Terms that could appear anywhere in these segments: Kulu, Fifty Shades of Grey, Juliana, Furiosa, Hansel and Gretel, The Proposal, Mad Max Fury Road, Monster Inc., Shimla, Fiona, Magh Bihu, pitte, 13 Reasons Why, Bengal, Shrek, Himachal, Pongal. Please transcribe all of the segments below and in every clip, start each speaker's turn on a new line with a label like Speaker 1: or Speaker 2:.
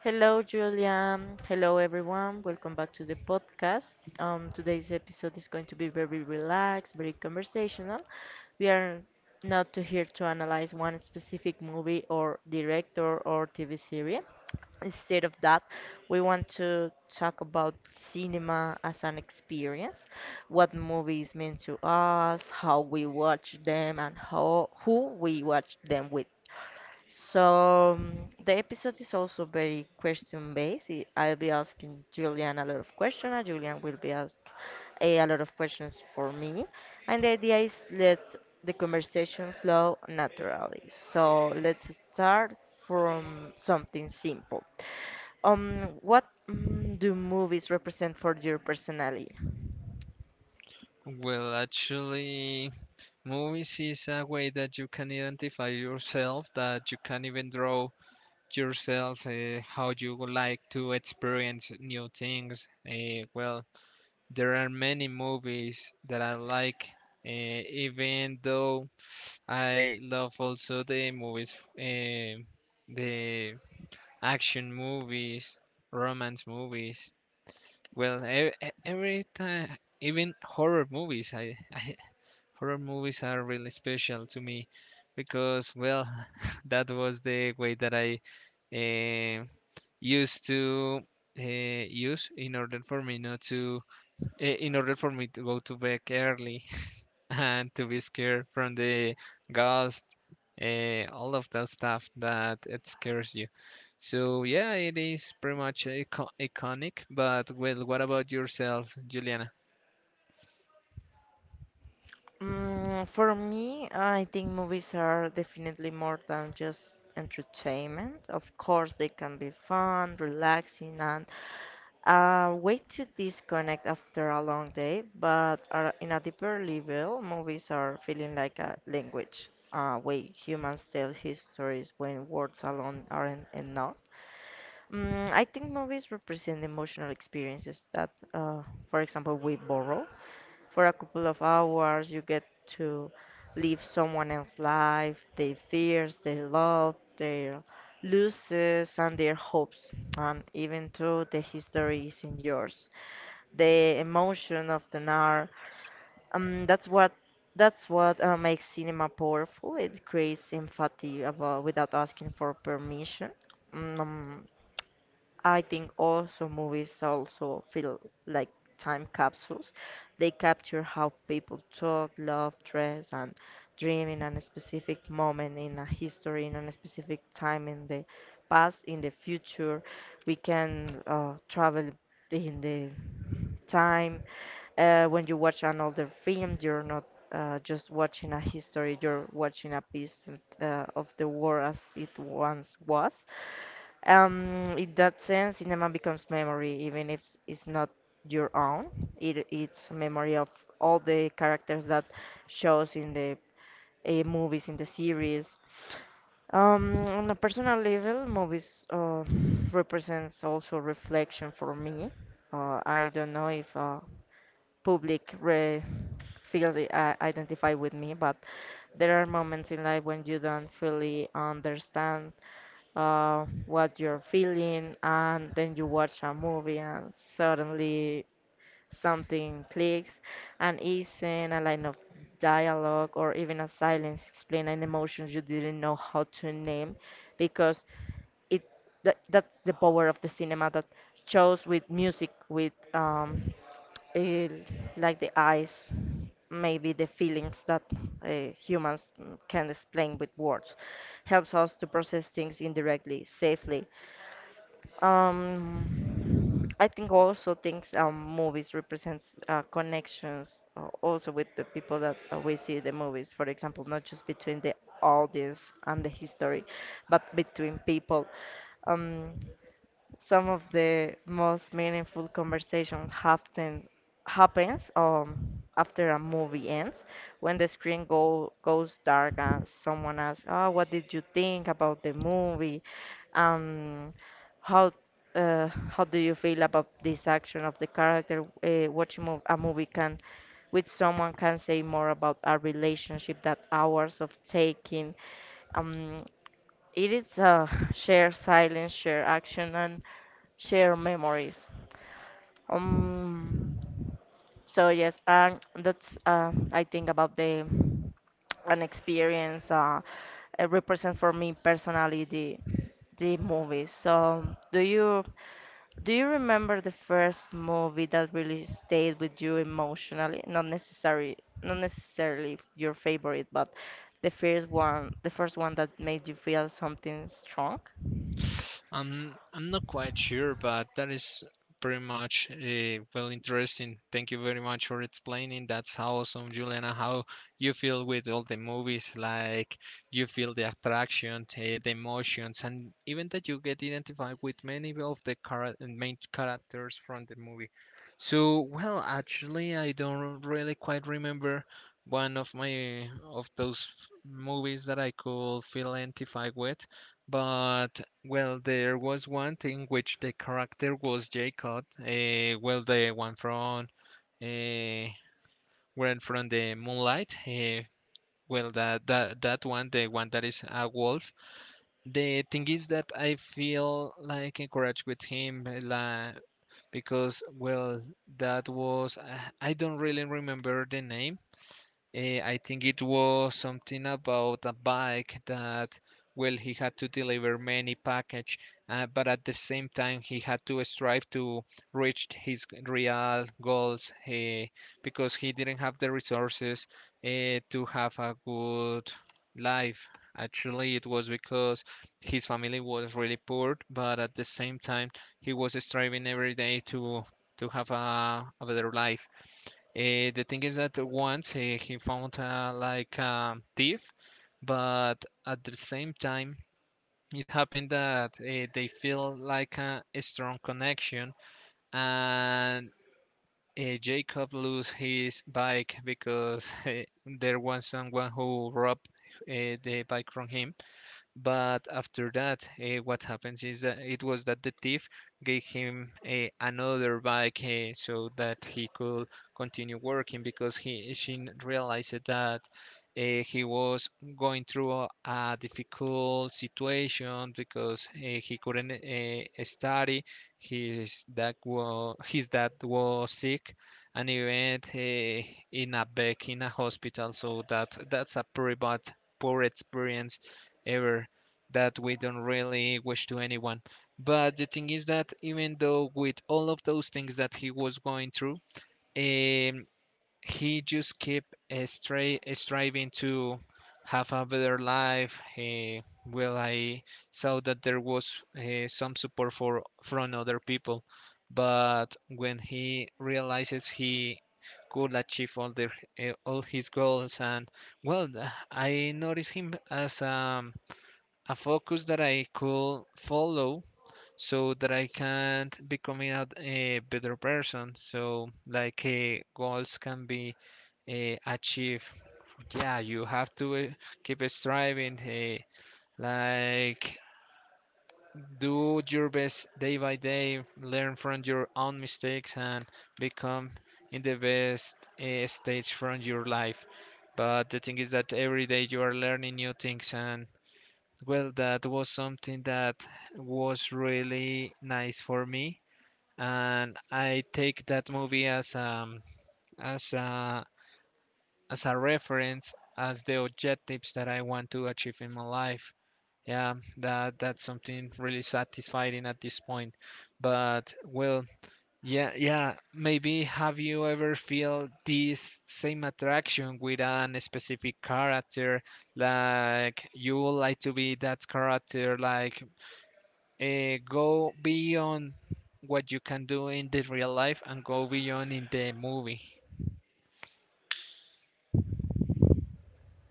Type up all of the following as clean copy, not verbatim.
Speaker 1: Hello, Julia. Hello, everyone. Welcome back to the podcast. Today's episode is going to be very relaxed, very conversational. We are not to here to analyze one specific movie or director or TV series. Instead of that, we want to talk about cinema as an experience, what movies mean to us, how we watch them, and how who we watch them with. So the episode is also very question based. I'll be asking Julian a lot of questions, and Julian will be asked a lot of questions for me. And the idea is let the conversation flow naturally. So let's start from something simple. What do movies represent for your personality? For me, I think movies are definitely more than just entertainment. Of course, they can be fun, relaxing, and a way to disconnect after a long day, but are in a deeper level, movies are feeling like a language, a way humans tell histories when words alone aren't enough. I think movies represent emotional experiences that, for example, we borrow for a couple of hours. You get to live someone else's life, their fears, their love, their losses, and their hopes. And even though the history isn't yours, the emotion of the art, um, that's what that's what makes cinema powerful. It creates empathy about, without asking for permission. Mm, um, I think also movies also feel like time capsules. They capture how people talk, love, dress, and dream in a specific moment in a history, in a specific time in the past, in the future. We can travel in the time. When you watch another film, you're not just watching a history, you're watching a piece of the world as it once was. In that sense, cinema becomes memory, even if it's not your own. It's a memory of all the characters that shows in the movies, in the series. On a personal level, movies represents also reflection for me. I don't know if public identify with me, but there are moments in life when you don't fully understand what you're feeling, and then you watch a movie, and suddenly something clicks, an accent, a line of dialogue, or even a silence explain an emotion you didn't know how to name, because it that's the power of the cinema that shows with music, with eh, like the eyes, maybe the feelings that humans can explain with words helps us to process things indirectly, safely. I think also things movies represents connections also with the people that we see the movies. For example, not just between the audience and the history, but between people. Um, some of the most meaningful conversation happens after a movie ends when the screen goes dark and someone asks, "Oh, what did you think about the movie?" Um how uh, how do you feel about this action of the character? Watching a movie can with someone can say more about a relationship that hours of taking. um it is a shared silence, shared action, and share memories. Um, so yes, and that's I think about the an experience represent for me personally the movies. So do you do you remember the first movie that really stayed with you emotionally? Not necessarily not necessarily your favorite, but the first one that made you feel something strong.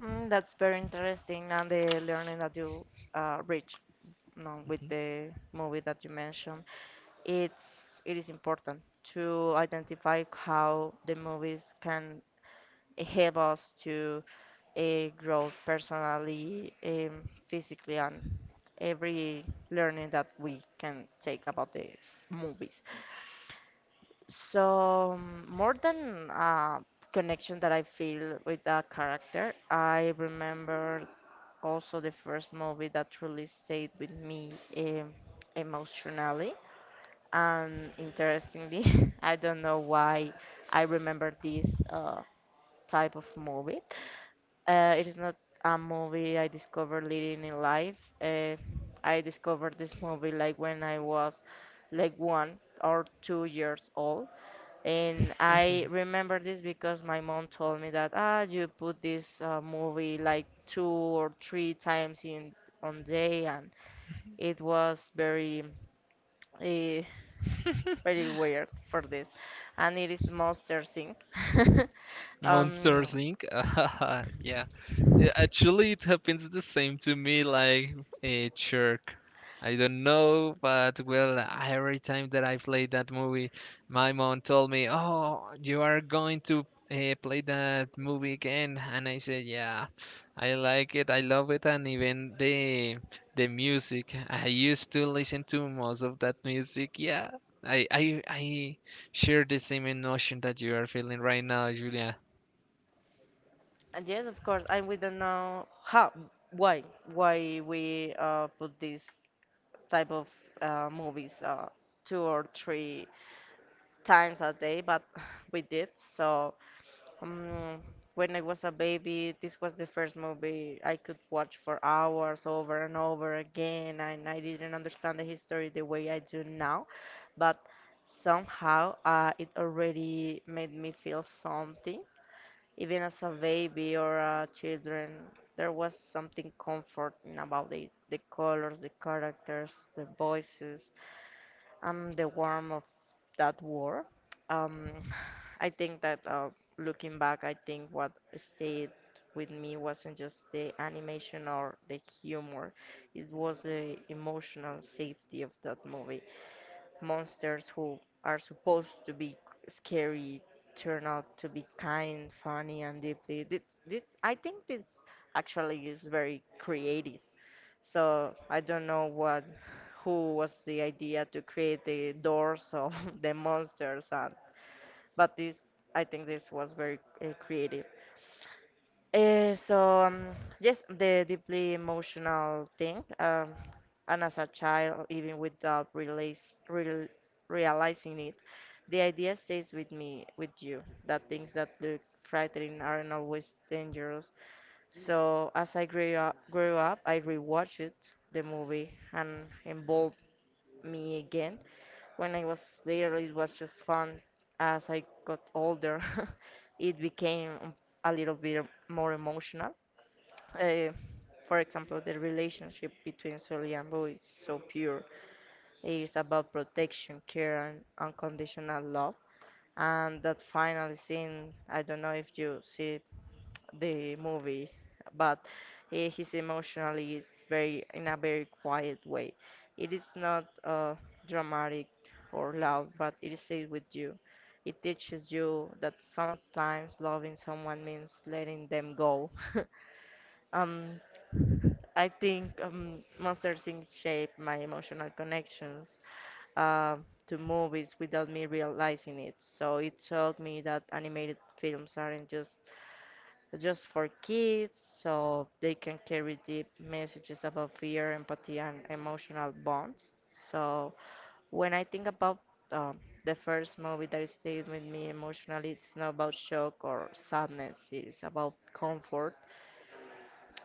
Speaker 1: That's very interesting and the learning that you reach. No, with the movie that you mentioned, it's it is important to identify how the movies can help us to grow personally, physically, and every learning that we can take about the movies. So more than a connection that I feel with that character, I remember also the first movie that really stayed with me emotionally. And interestingly, I don't know why I remember this type of movie. It is not a movie I discovered later in life. I discovered this movie like when I was like 1 or 2 years old. And I remember this because my mom told me that, "Ah, you put this movie like two or three times in on day," and it was very uh, very weird for this, and it is monster thing. um, and yes, of course, and we don't know how, why, why we put this type of movies two or three times a day, but we did. So um, when I was a baby, this was the first movie I could watch for hours over and over again, and I didn't understand the history the way I do now, but somehow it already made me feel something. Even as a baby or a children, there was something comforting about it. The colors, the characters, the voices, and the warmth of that war. Um, I think that looking back, I think what stayed with me wasn't just the animation or the humor, it was the emotional safety of that movie monsters who are supposed to be scary turn out to be kind, funny, and deeply. This, I think this actually is very creative. So I don't know what, who was the idea to create the doors of the monsters, and but this, I think this was very creative. So yes, the deeply emotional thing, and as a child, even without real, realizing it, the idea stays with me, with you, that things that look frightening aren't always dangerous. So as I grew up, I rewatched it, the movie, and involved me again. When I was little, it was just fun. As I got older, it became a little bit more emotional. Uh, for example, the relationship between Sully and Boo is so pure. It is about protection, care, and unconditional love, and that final scene, I don't know if you see the movie, but he's emotionally, it's very in a very quiet way. It is not dramatic or loud, but it stays with you. It teaches you that sometimes loving someone means letting them go. um I think Monster Inc. shaped my emotional connections to movies without me realizing it. So it showed me that animated films aren't just for kids, so they can carry deep messages about fear, empathy, and emotional bonds. So when I think about um, the first movie that stayed with me emotionally, it's not about shock or sadness. It's about comfort.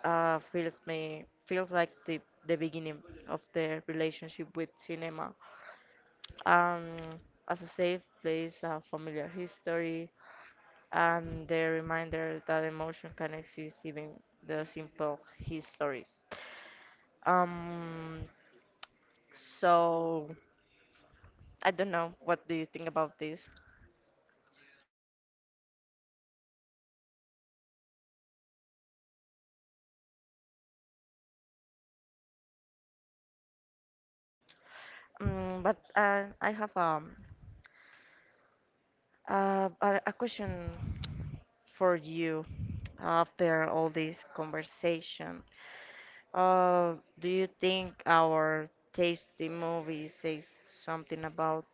Speaker 1: Feels me feels like the beginning of the relationship with cinema um, as a safe place, a familiar history, and the reminder that emotion can exist even the simple histories. Um, so I don't know what do you think about this, but I have a question for you after all this conversation. Uh, do you think our taste in movies says something about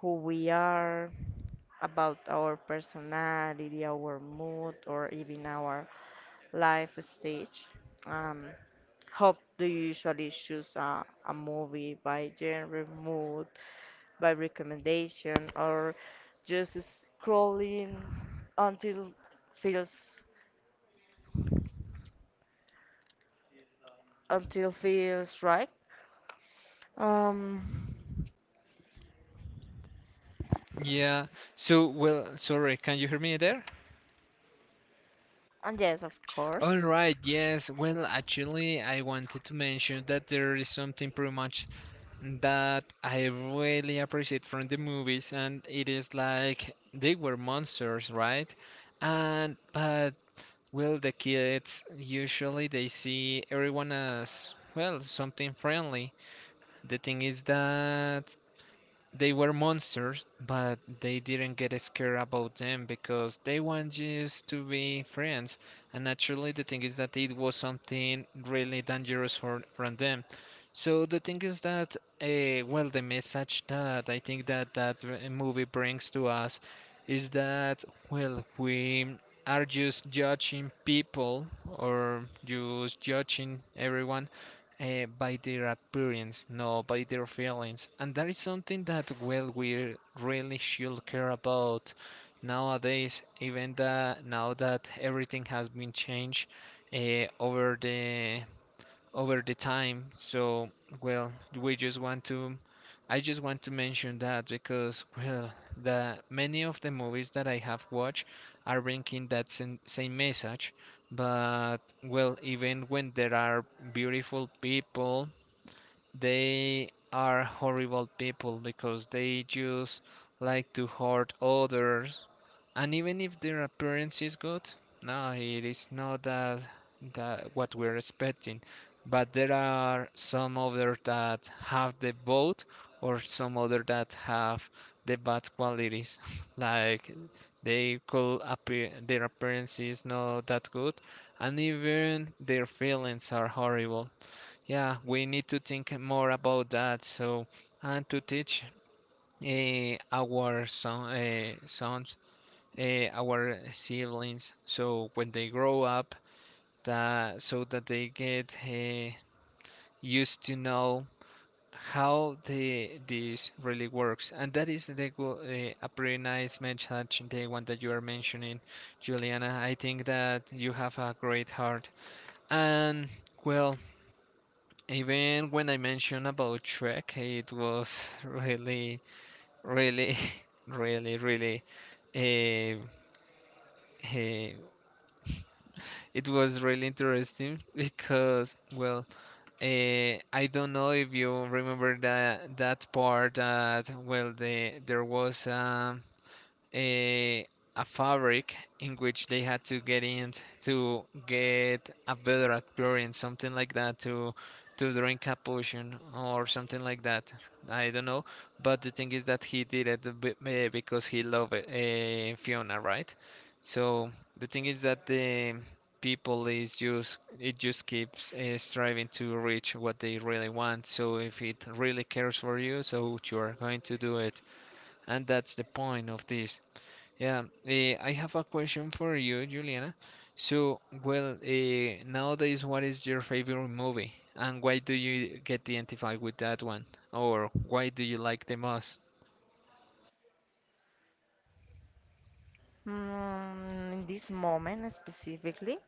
Speaker 1: who we are? About our personality, our mood, or even our life stage. Um, how do you usually choose a movie, by genre, mood, by recommendation, or just scrolling until feels until feels right? Um,
Speaker 2: Yeah. Sorry, can you hear me there?
Speaker 1: and yes, of
Speaker 2: All
Speaker 1: course.
Speaker 2: right, yes. Well, actually, I wanted to mention that there is something pretty much that I really appreciate from the movies, and it is like they were monsters, right? And but well, the kids usually they see everyone as well something friendly. The thing is that they were monsters, but they didn't get scared about them because they want you to be friends. And naturally, the thing is that it was something really dangerous for from them. So the thing is that, well, the message that I think that movie brings to us is that, well, we are just judging people or just judging everyone by their appearance, not by their feelings. And that is something that, well, we really should care about nowadays, even that now that everything has been changed over the time. So, well, we just want to I just want to mention that because well, the many of the movies that I have watched are bringing that same message, but well, even when there are beautiful people, they are horrible people because they just like to hurt others. And even if their appearance is good, no, it is not that what we're expecting. But there are some other that have the both, or some other that have the bad qualities. Like they could appear, their appearance is not that good, and even their feelings are horrible. Yeah, we need to think more about that. So, and to teach our sons, our siblings, so when they grow up, that so that they get used to know how the this really works. And that is a pretty nice message, the one that you are mentioning, Juliana. I think that you have a great heart, and well. Even when I mentioned about Shrek, it was really, really, really, really. Uh, uh, it was really interesting because, well, I don't know if you remember that part that well, there was a, a fabric in which they had to get in to get a better experience, something like that, to drink a potion or something like that. I don't know, but the thing is that he did it because he loved Fiona, right? So the thing is that the people is just it just keeps striving to reach what they really want. So if it really cares for you, so you are going to do it, and that's the point of this. Yeah, I have a question for you, Juliana. So, well, nowadays, what is your favorite movie, and why do you get identified with that one, or why do you like the most?
Speaker 1: In this moment specifically,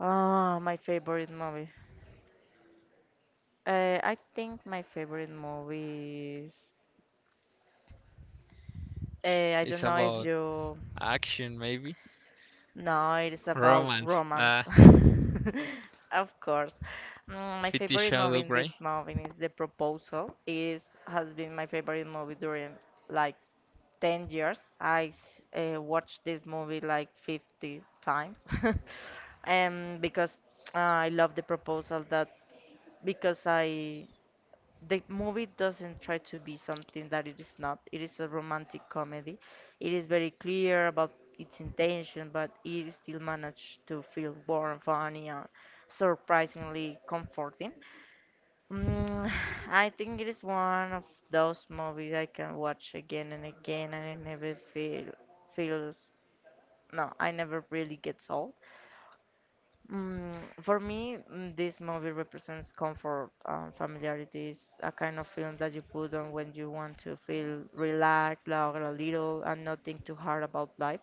Speaker 1: ah, my favorite movie. I think my favorite movie is. I
Speaker 2: It's
Speaker 1: don't know if
Speaker 2: about
Speaker 1: you
Speaker 2: action, maybe
Speaker 1: know it is about
Speaker 2: romance.
Speaker 1: romance. Of course. My
Speaker 2: Fifty
Speaker 1: favorite
Speaker 2: Shades
Speaker 1: movie
Speaker 2: of
Speaker 1: in this
Speaker 2: Grey.
Speaker 1: moment is The Proposal. It is, has been my favorite movie during like 10 years. I watched this movie like 50 times. Because I love The Proposal that because I the movie doesn't try to be something that it is not. It is a romantic comedy. It is very clear about its intention, but it still managed to feel warm, funny, and surprisingly comforting. Mm, I think it is one of those movies I can watch again and again, and I never feel feels no, I never really gets old. Mm, for me, this movie represents comfort and familiarity. It's a kind of film that you put on when you want to feel relaxed, laugh a little, and not think too hard about life.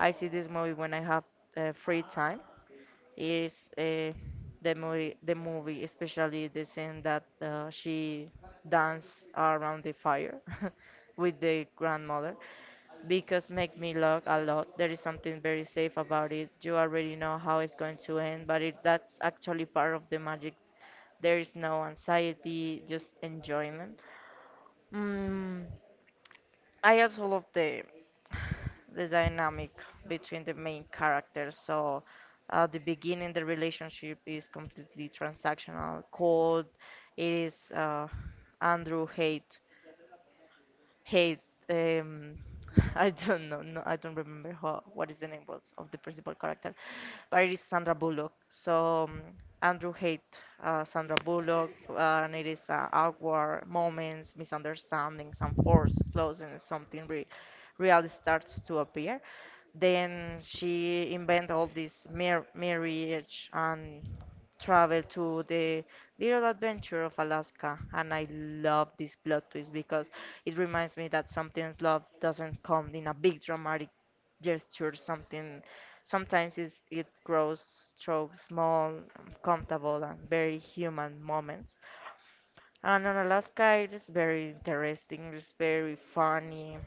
Speaker 1: I see this movie when I have free time. It's uh, the movie, especially the scene that she dance around the fire with the grandmother because make me laugh a lot. There is something very safe about it. You already know how it's going to end, but that's actually part of the magic. There is no anxiety, just enjoyment. Mm, I also love the the dynamic between the main characters. So at the beginning, the relationship is completely transactional, cold. It is Andrew hate Hey, um, I don't know, I don't remember what is the name was of the principal character, but it is Sandra Bullock. So Andrew hate Sandra Bullock, and it is awkward moments, misunderstandings, and forced closing. Something re real starts to appear. Then she invent all this marriage and travel to the little adventure of Alaska, and I love this plot twist because. It reminds me that sometimes love doesn't come in a big dramatic gesture. Something Sometimes it grows through small, comfortable, and very human moments. And on Alaska, it is very interesting. It's very funny.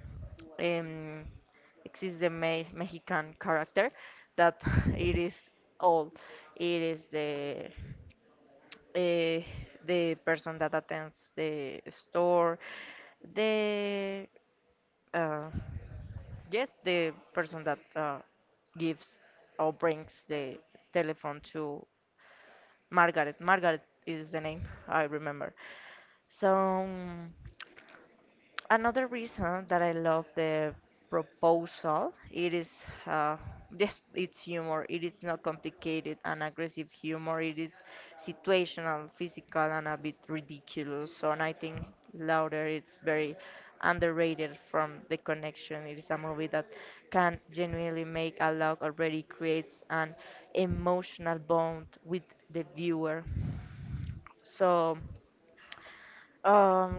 Speaker 1: Um, exists the Mexican character that it is all. It is uh, the person that attends the store, the uh, Yes, the person that gives or brings the telephone to Margaret. Margaret is the name I remember. So, another reason that I love the proposal it is uh, just it's humor it is not complicated and aggressive humor it is situational physical and a bit ridiculous so and I think louder it's very underrated from the connection it is a movie that can genuinely make a laugh already creates an emotional bond with the viewer so um,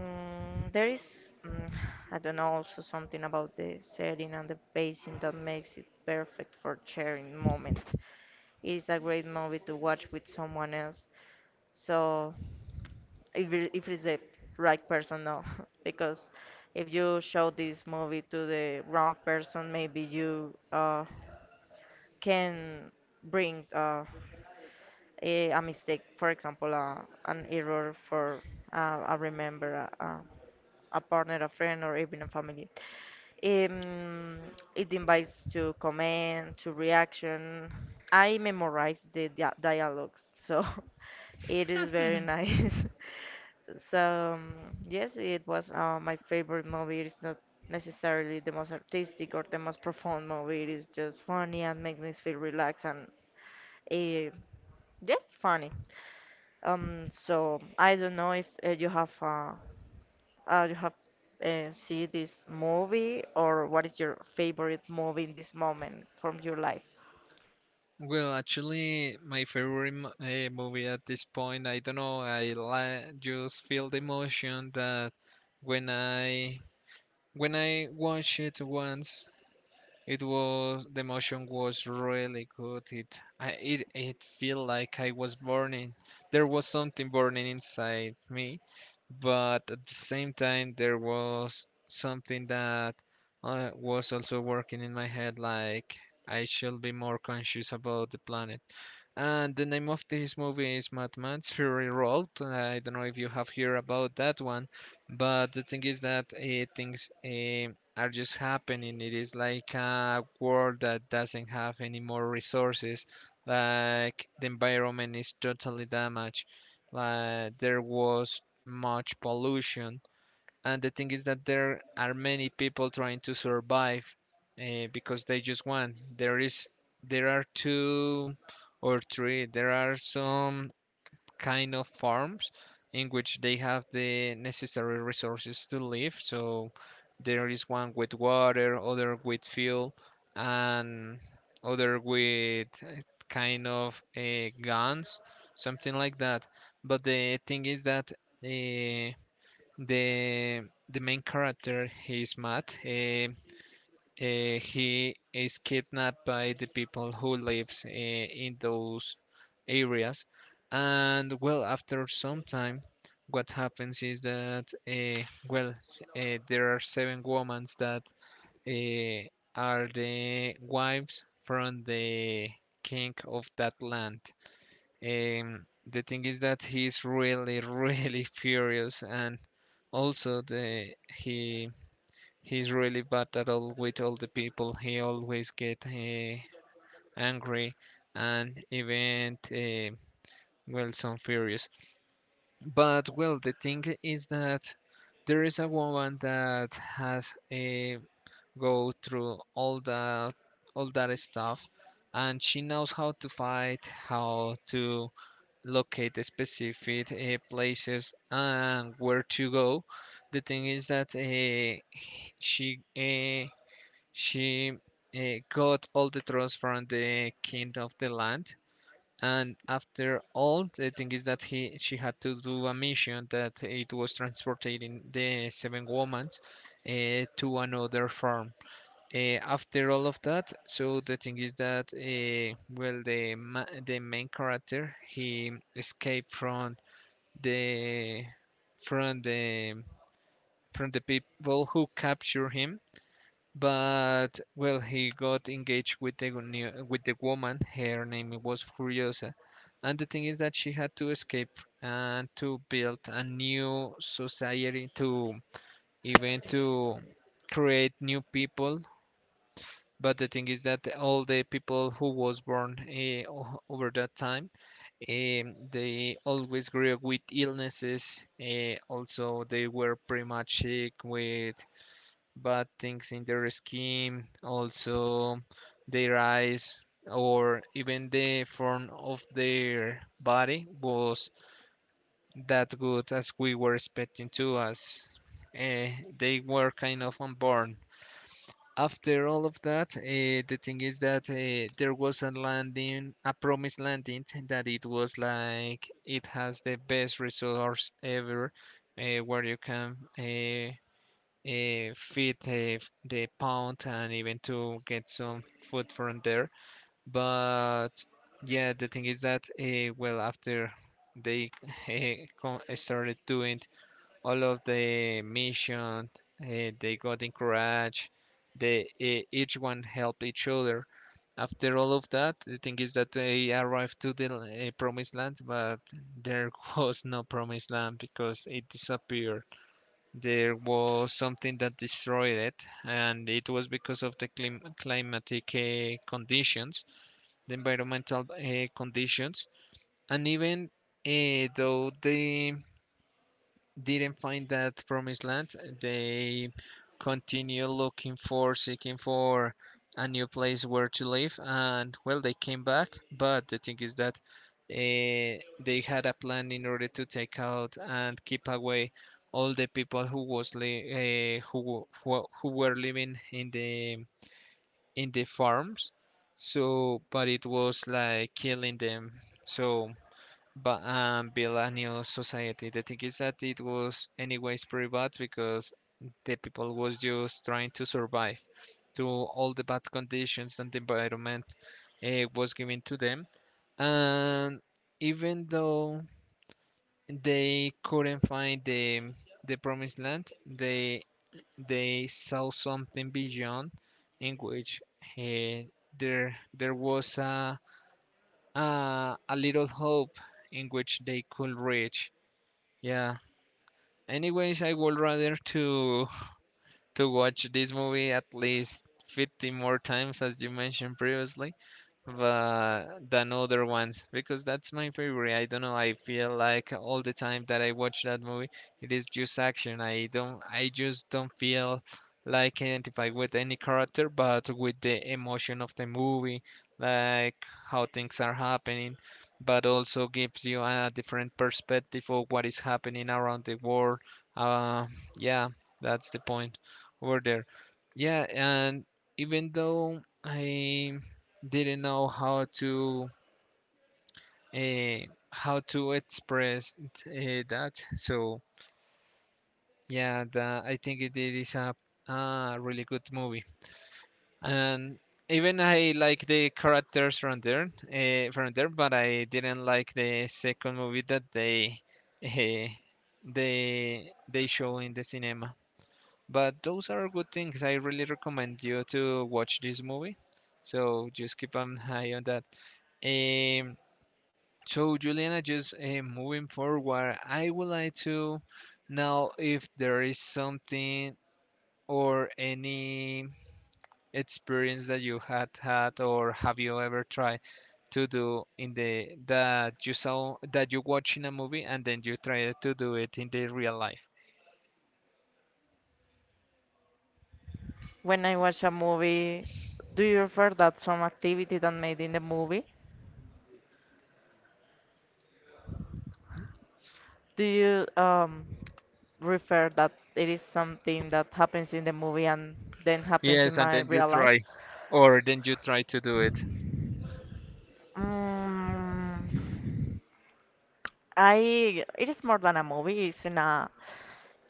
Speaker 1: there is, mm, I don't know, also something about the setting and the pacing that makes it perfect for sharing moments. It is a great movie to watch with someone else. So, if it's the right person, no, because if you show this movie to the wrong person, maybe you can bring a mistake, for example, an error for I remember a partner, a friend, or even a family. Um, it invites to comment, to reaction. I memorize the dialogues, so it is very nice. So, yes, it was my favorite movie. It's not necessarily the most artistic or the most profound movie. It is just funny and makes me feel relaxed and uh, just funny. So I don't know if you have see this movie or what is your favorite movie in this moment from your life?
Speaker 2: Well, actually, my favorite movie at this point, I don't know, I li just feel the emotion that when I when I watch it once, it was the motion was really good. It felt like I was burning. There was something burning inside me, but at the same time there was something that was also working in my head, like I should be more conscious about the planet. And the name of this movie is Mad Max Fury Road. I don't know if you have heard about that one, but the thing is that it thinks. Are just happening. It is like a world that doesn't have any more resources. Like the environment is totally damaged. Like there was much pollution. And the thing is that there are many people trying to survive because they just want. There is, there are two or three. There are some kind of farms in which they have the necessary resources to live. So there is one with water, other with fuel, and other with kind of guns, something like that. But the thing is that uh, the the main character, he is Matt. He is kidnapped by the people who lives in those areas. And well, after some time, what happens is that well, there are seven women that uh, are the wives from the king of that land. The thing is that he's really, really furious, and also the he he's really bad at all with all the people. He always get angry and even well some furious. But well, the thing is that there is a woman that has go through all that stuff, and she knows how to fight, how to locate the specific places and where to go. The thing is that she eh, she uh, got all the trust from the king of the land. And after all, the thing is that he she had to do a mission that it was transporting the seven women to another farm. Eh, after all of that, so the thing is that the main character he escaped from the from the from the people who capture him, but well, he got engaged with with the woman. Her name was Furiosa, and the thing is that she had to escape and to build a new society, to even to create new people. But the thing is that all the people who was born over that time they always grew up with illnesses. Also, they were pretty much sick with bad things in their skin, also their eyes, or even the form of their body was that good as we were expecting to us. Uh, they were kind of unborn after all of that. The thing is that there was a landing, a promised landing, that it was like it has the best resource ever, where you can feed the pound and even to get some food from there. But yeah, the thing is that well, after they started doing all of the missions, they got encouraged, they each one helped each other. After all of that the thing is that they arrived to the promised land, but there was no promised land because it disappeared. There was something that destroyed it, and it was because of the climatic conditions, the environmental conditions. And even though the didn't find that promised land, they continue looking for, seeking for a new place where to live. And well, they came back, but the thing is that uh, they had a plan in order to take out and keep away all the people who was who were living in the farms. So, but it was like killing them. So but build a new society. The thing is that it was anyways pretty bad because the people was just trying to survive to all the bad conditions and the environment was given to them. And even though they couldn't find the promised land, they saw something beyond in which uh, there was a little hope in which they could reach. Yeah. Anyways, I would rather to watch this movie at least 50 more times as you mentioned previously, but than other ones because that's my favorite. I don't know. I feel like all the time that I watch that movie, it is just action. I don't. I just don't feel like identified with any character, but with the emotion of the movie, like how things are happening, but also gives you a different perspective of what is happening around the world. Uh, yeah, that's the point over there. Yeah, and even though I didn't know uh, how to express that. So yeah, that, I think it is a really good movie. And even I like the characters from there, from there, but I didn't like the second movie that uh, they show in the cinema. But those are good things. I really recommend you to watch this movie. So just keep an eye on that. Um, So, Juliana, just moving forward, I would like to know if there is something or any experience that you had had or have you ever tried to do in the that you saw that you watch in a movie and then you try to do it in the real life.
Speaker 1: When I watch a movie, do you refer that some activity that made in the movie? Do you refer that it is something that happens in the movie and then happens in
Speaker 2: Yes, and
Speaker 1: my
Speaker 2: then you
Speaker 1: real life?
Speaker 2: try, or then you try to do it.
Speaker 1: Mm, I it is more than a movie. It's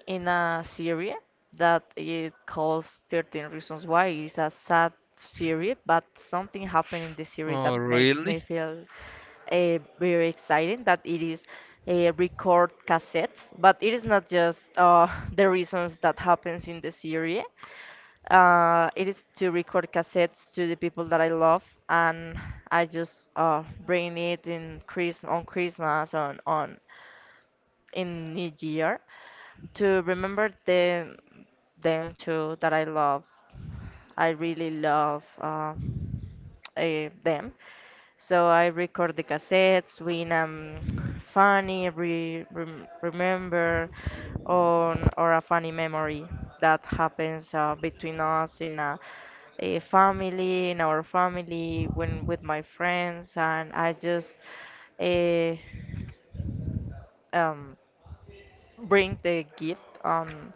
Speaker 1: in a series that it calls 13 Reasons Why. It's a sad series, but something happened in the series
Speaker 2: Oh,
Speaker 1: that makes me
Speaker 2: really?
Speaker 1: feel very exciting that it is a record cassettes, but it is not just the reasons that happens in the series. It is to record cassettes to the people that I love, and I just bring it in Christmas on in New Year, to remember them too that I love. I really love them. So I record the cassettes when I'm funny, re rem remember on or a funny memory that happens between us in a family, in our family, when with my friends, and I just uh, um, bring the gift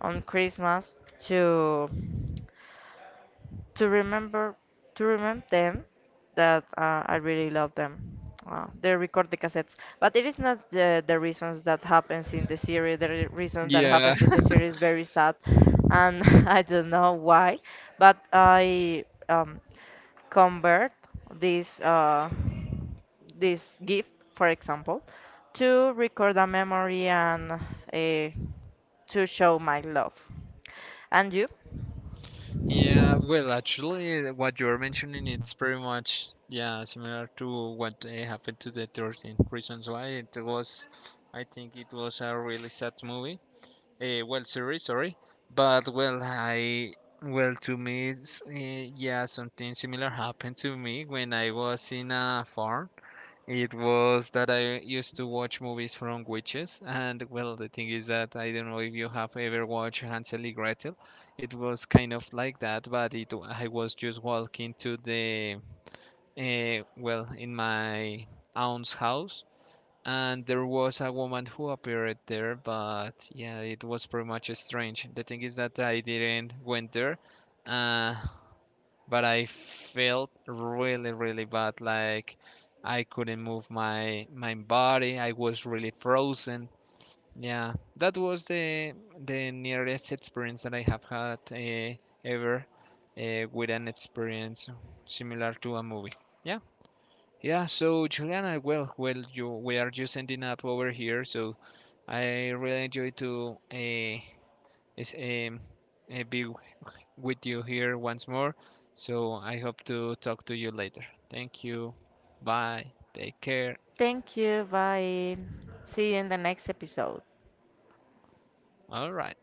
Speaker 1: on Christmas to remember to remember them that I really love them. They record the cassettes, but it is not the reasons that happens in the series. The reason that
Speaker 2: Yeah.
Speaker 1: happens in the series is very sad, and I don't know why. But I convert this uh, this gift, for example, to record a memory and to show my love. And you?
Speaker 2: Yeah, well, actually, what you're mentioning, it's pretty much, yeah, similar to what happened to the 13 Reasons Why. It was, I think it was a really sad movie. Well, sorry, but well, I well to me, yeah, something similar happened to me when I was in a farm. It was that I used to watch movies from witches, and well, the thing is that I don't know if you have ever watched Hansel and Gretel. It was kind of like that, but it I was just walking to the well in my aunt's house, and there was a woman who appeared there, but yeah it was pretty much strange. The thing is that I didn't went there, uh, but I felt really, really bad, like I couldn't move my body, I was really frozen. Yeah, that was the nearest experience that I have had ever with an experience similar to a movie. Yeah. Yeah, so Juliana, well, we are just ending up over here. So I really enjoy to is, um, uh, be w- with you here once more. So I hope to talk to you later. Thank you. Bye. Take care.
Speaker 1: Thank you. Bye. See you in the next episode.
Speaker 2: All right.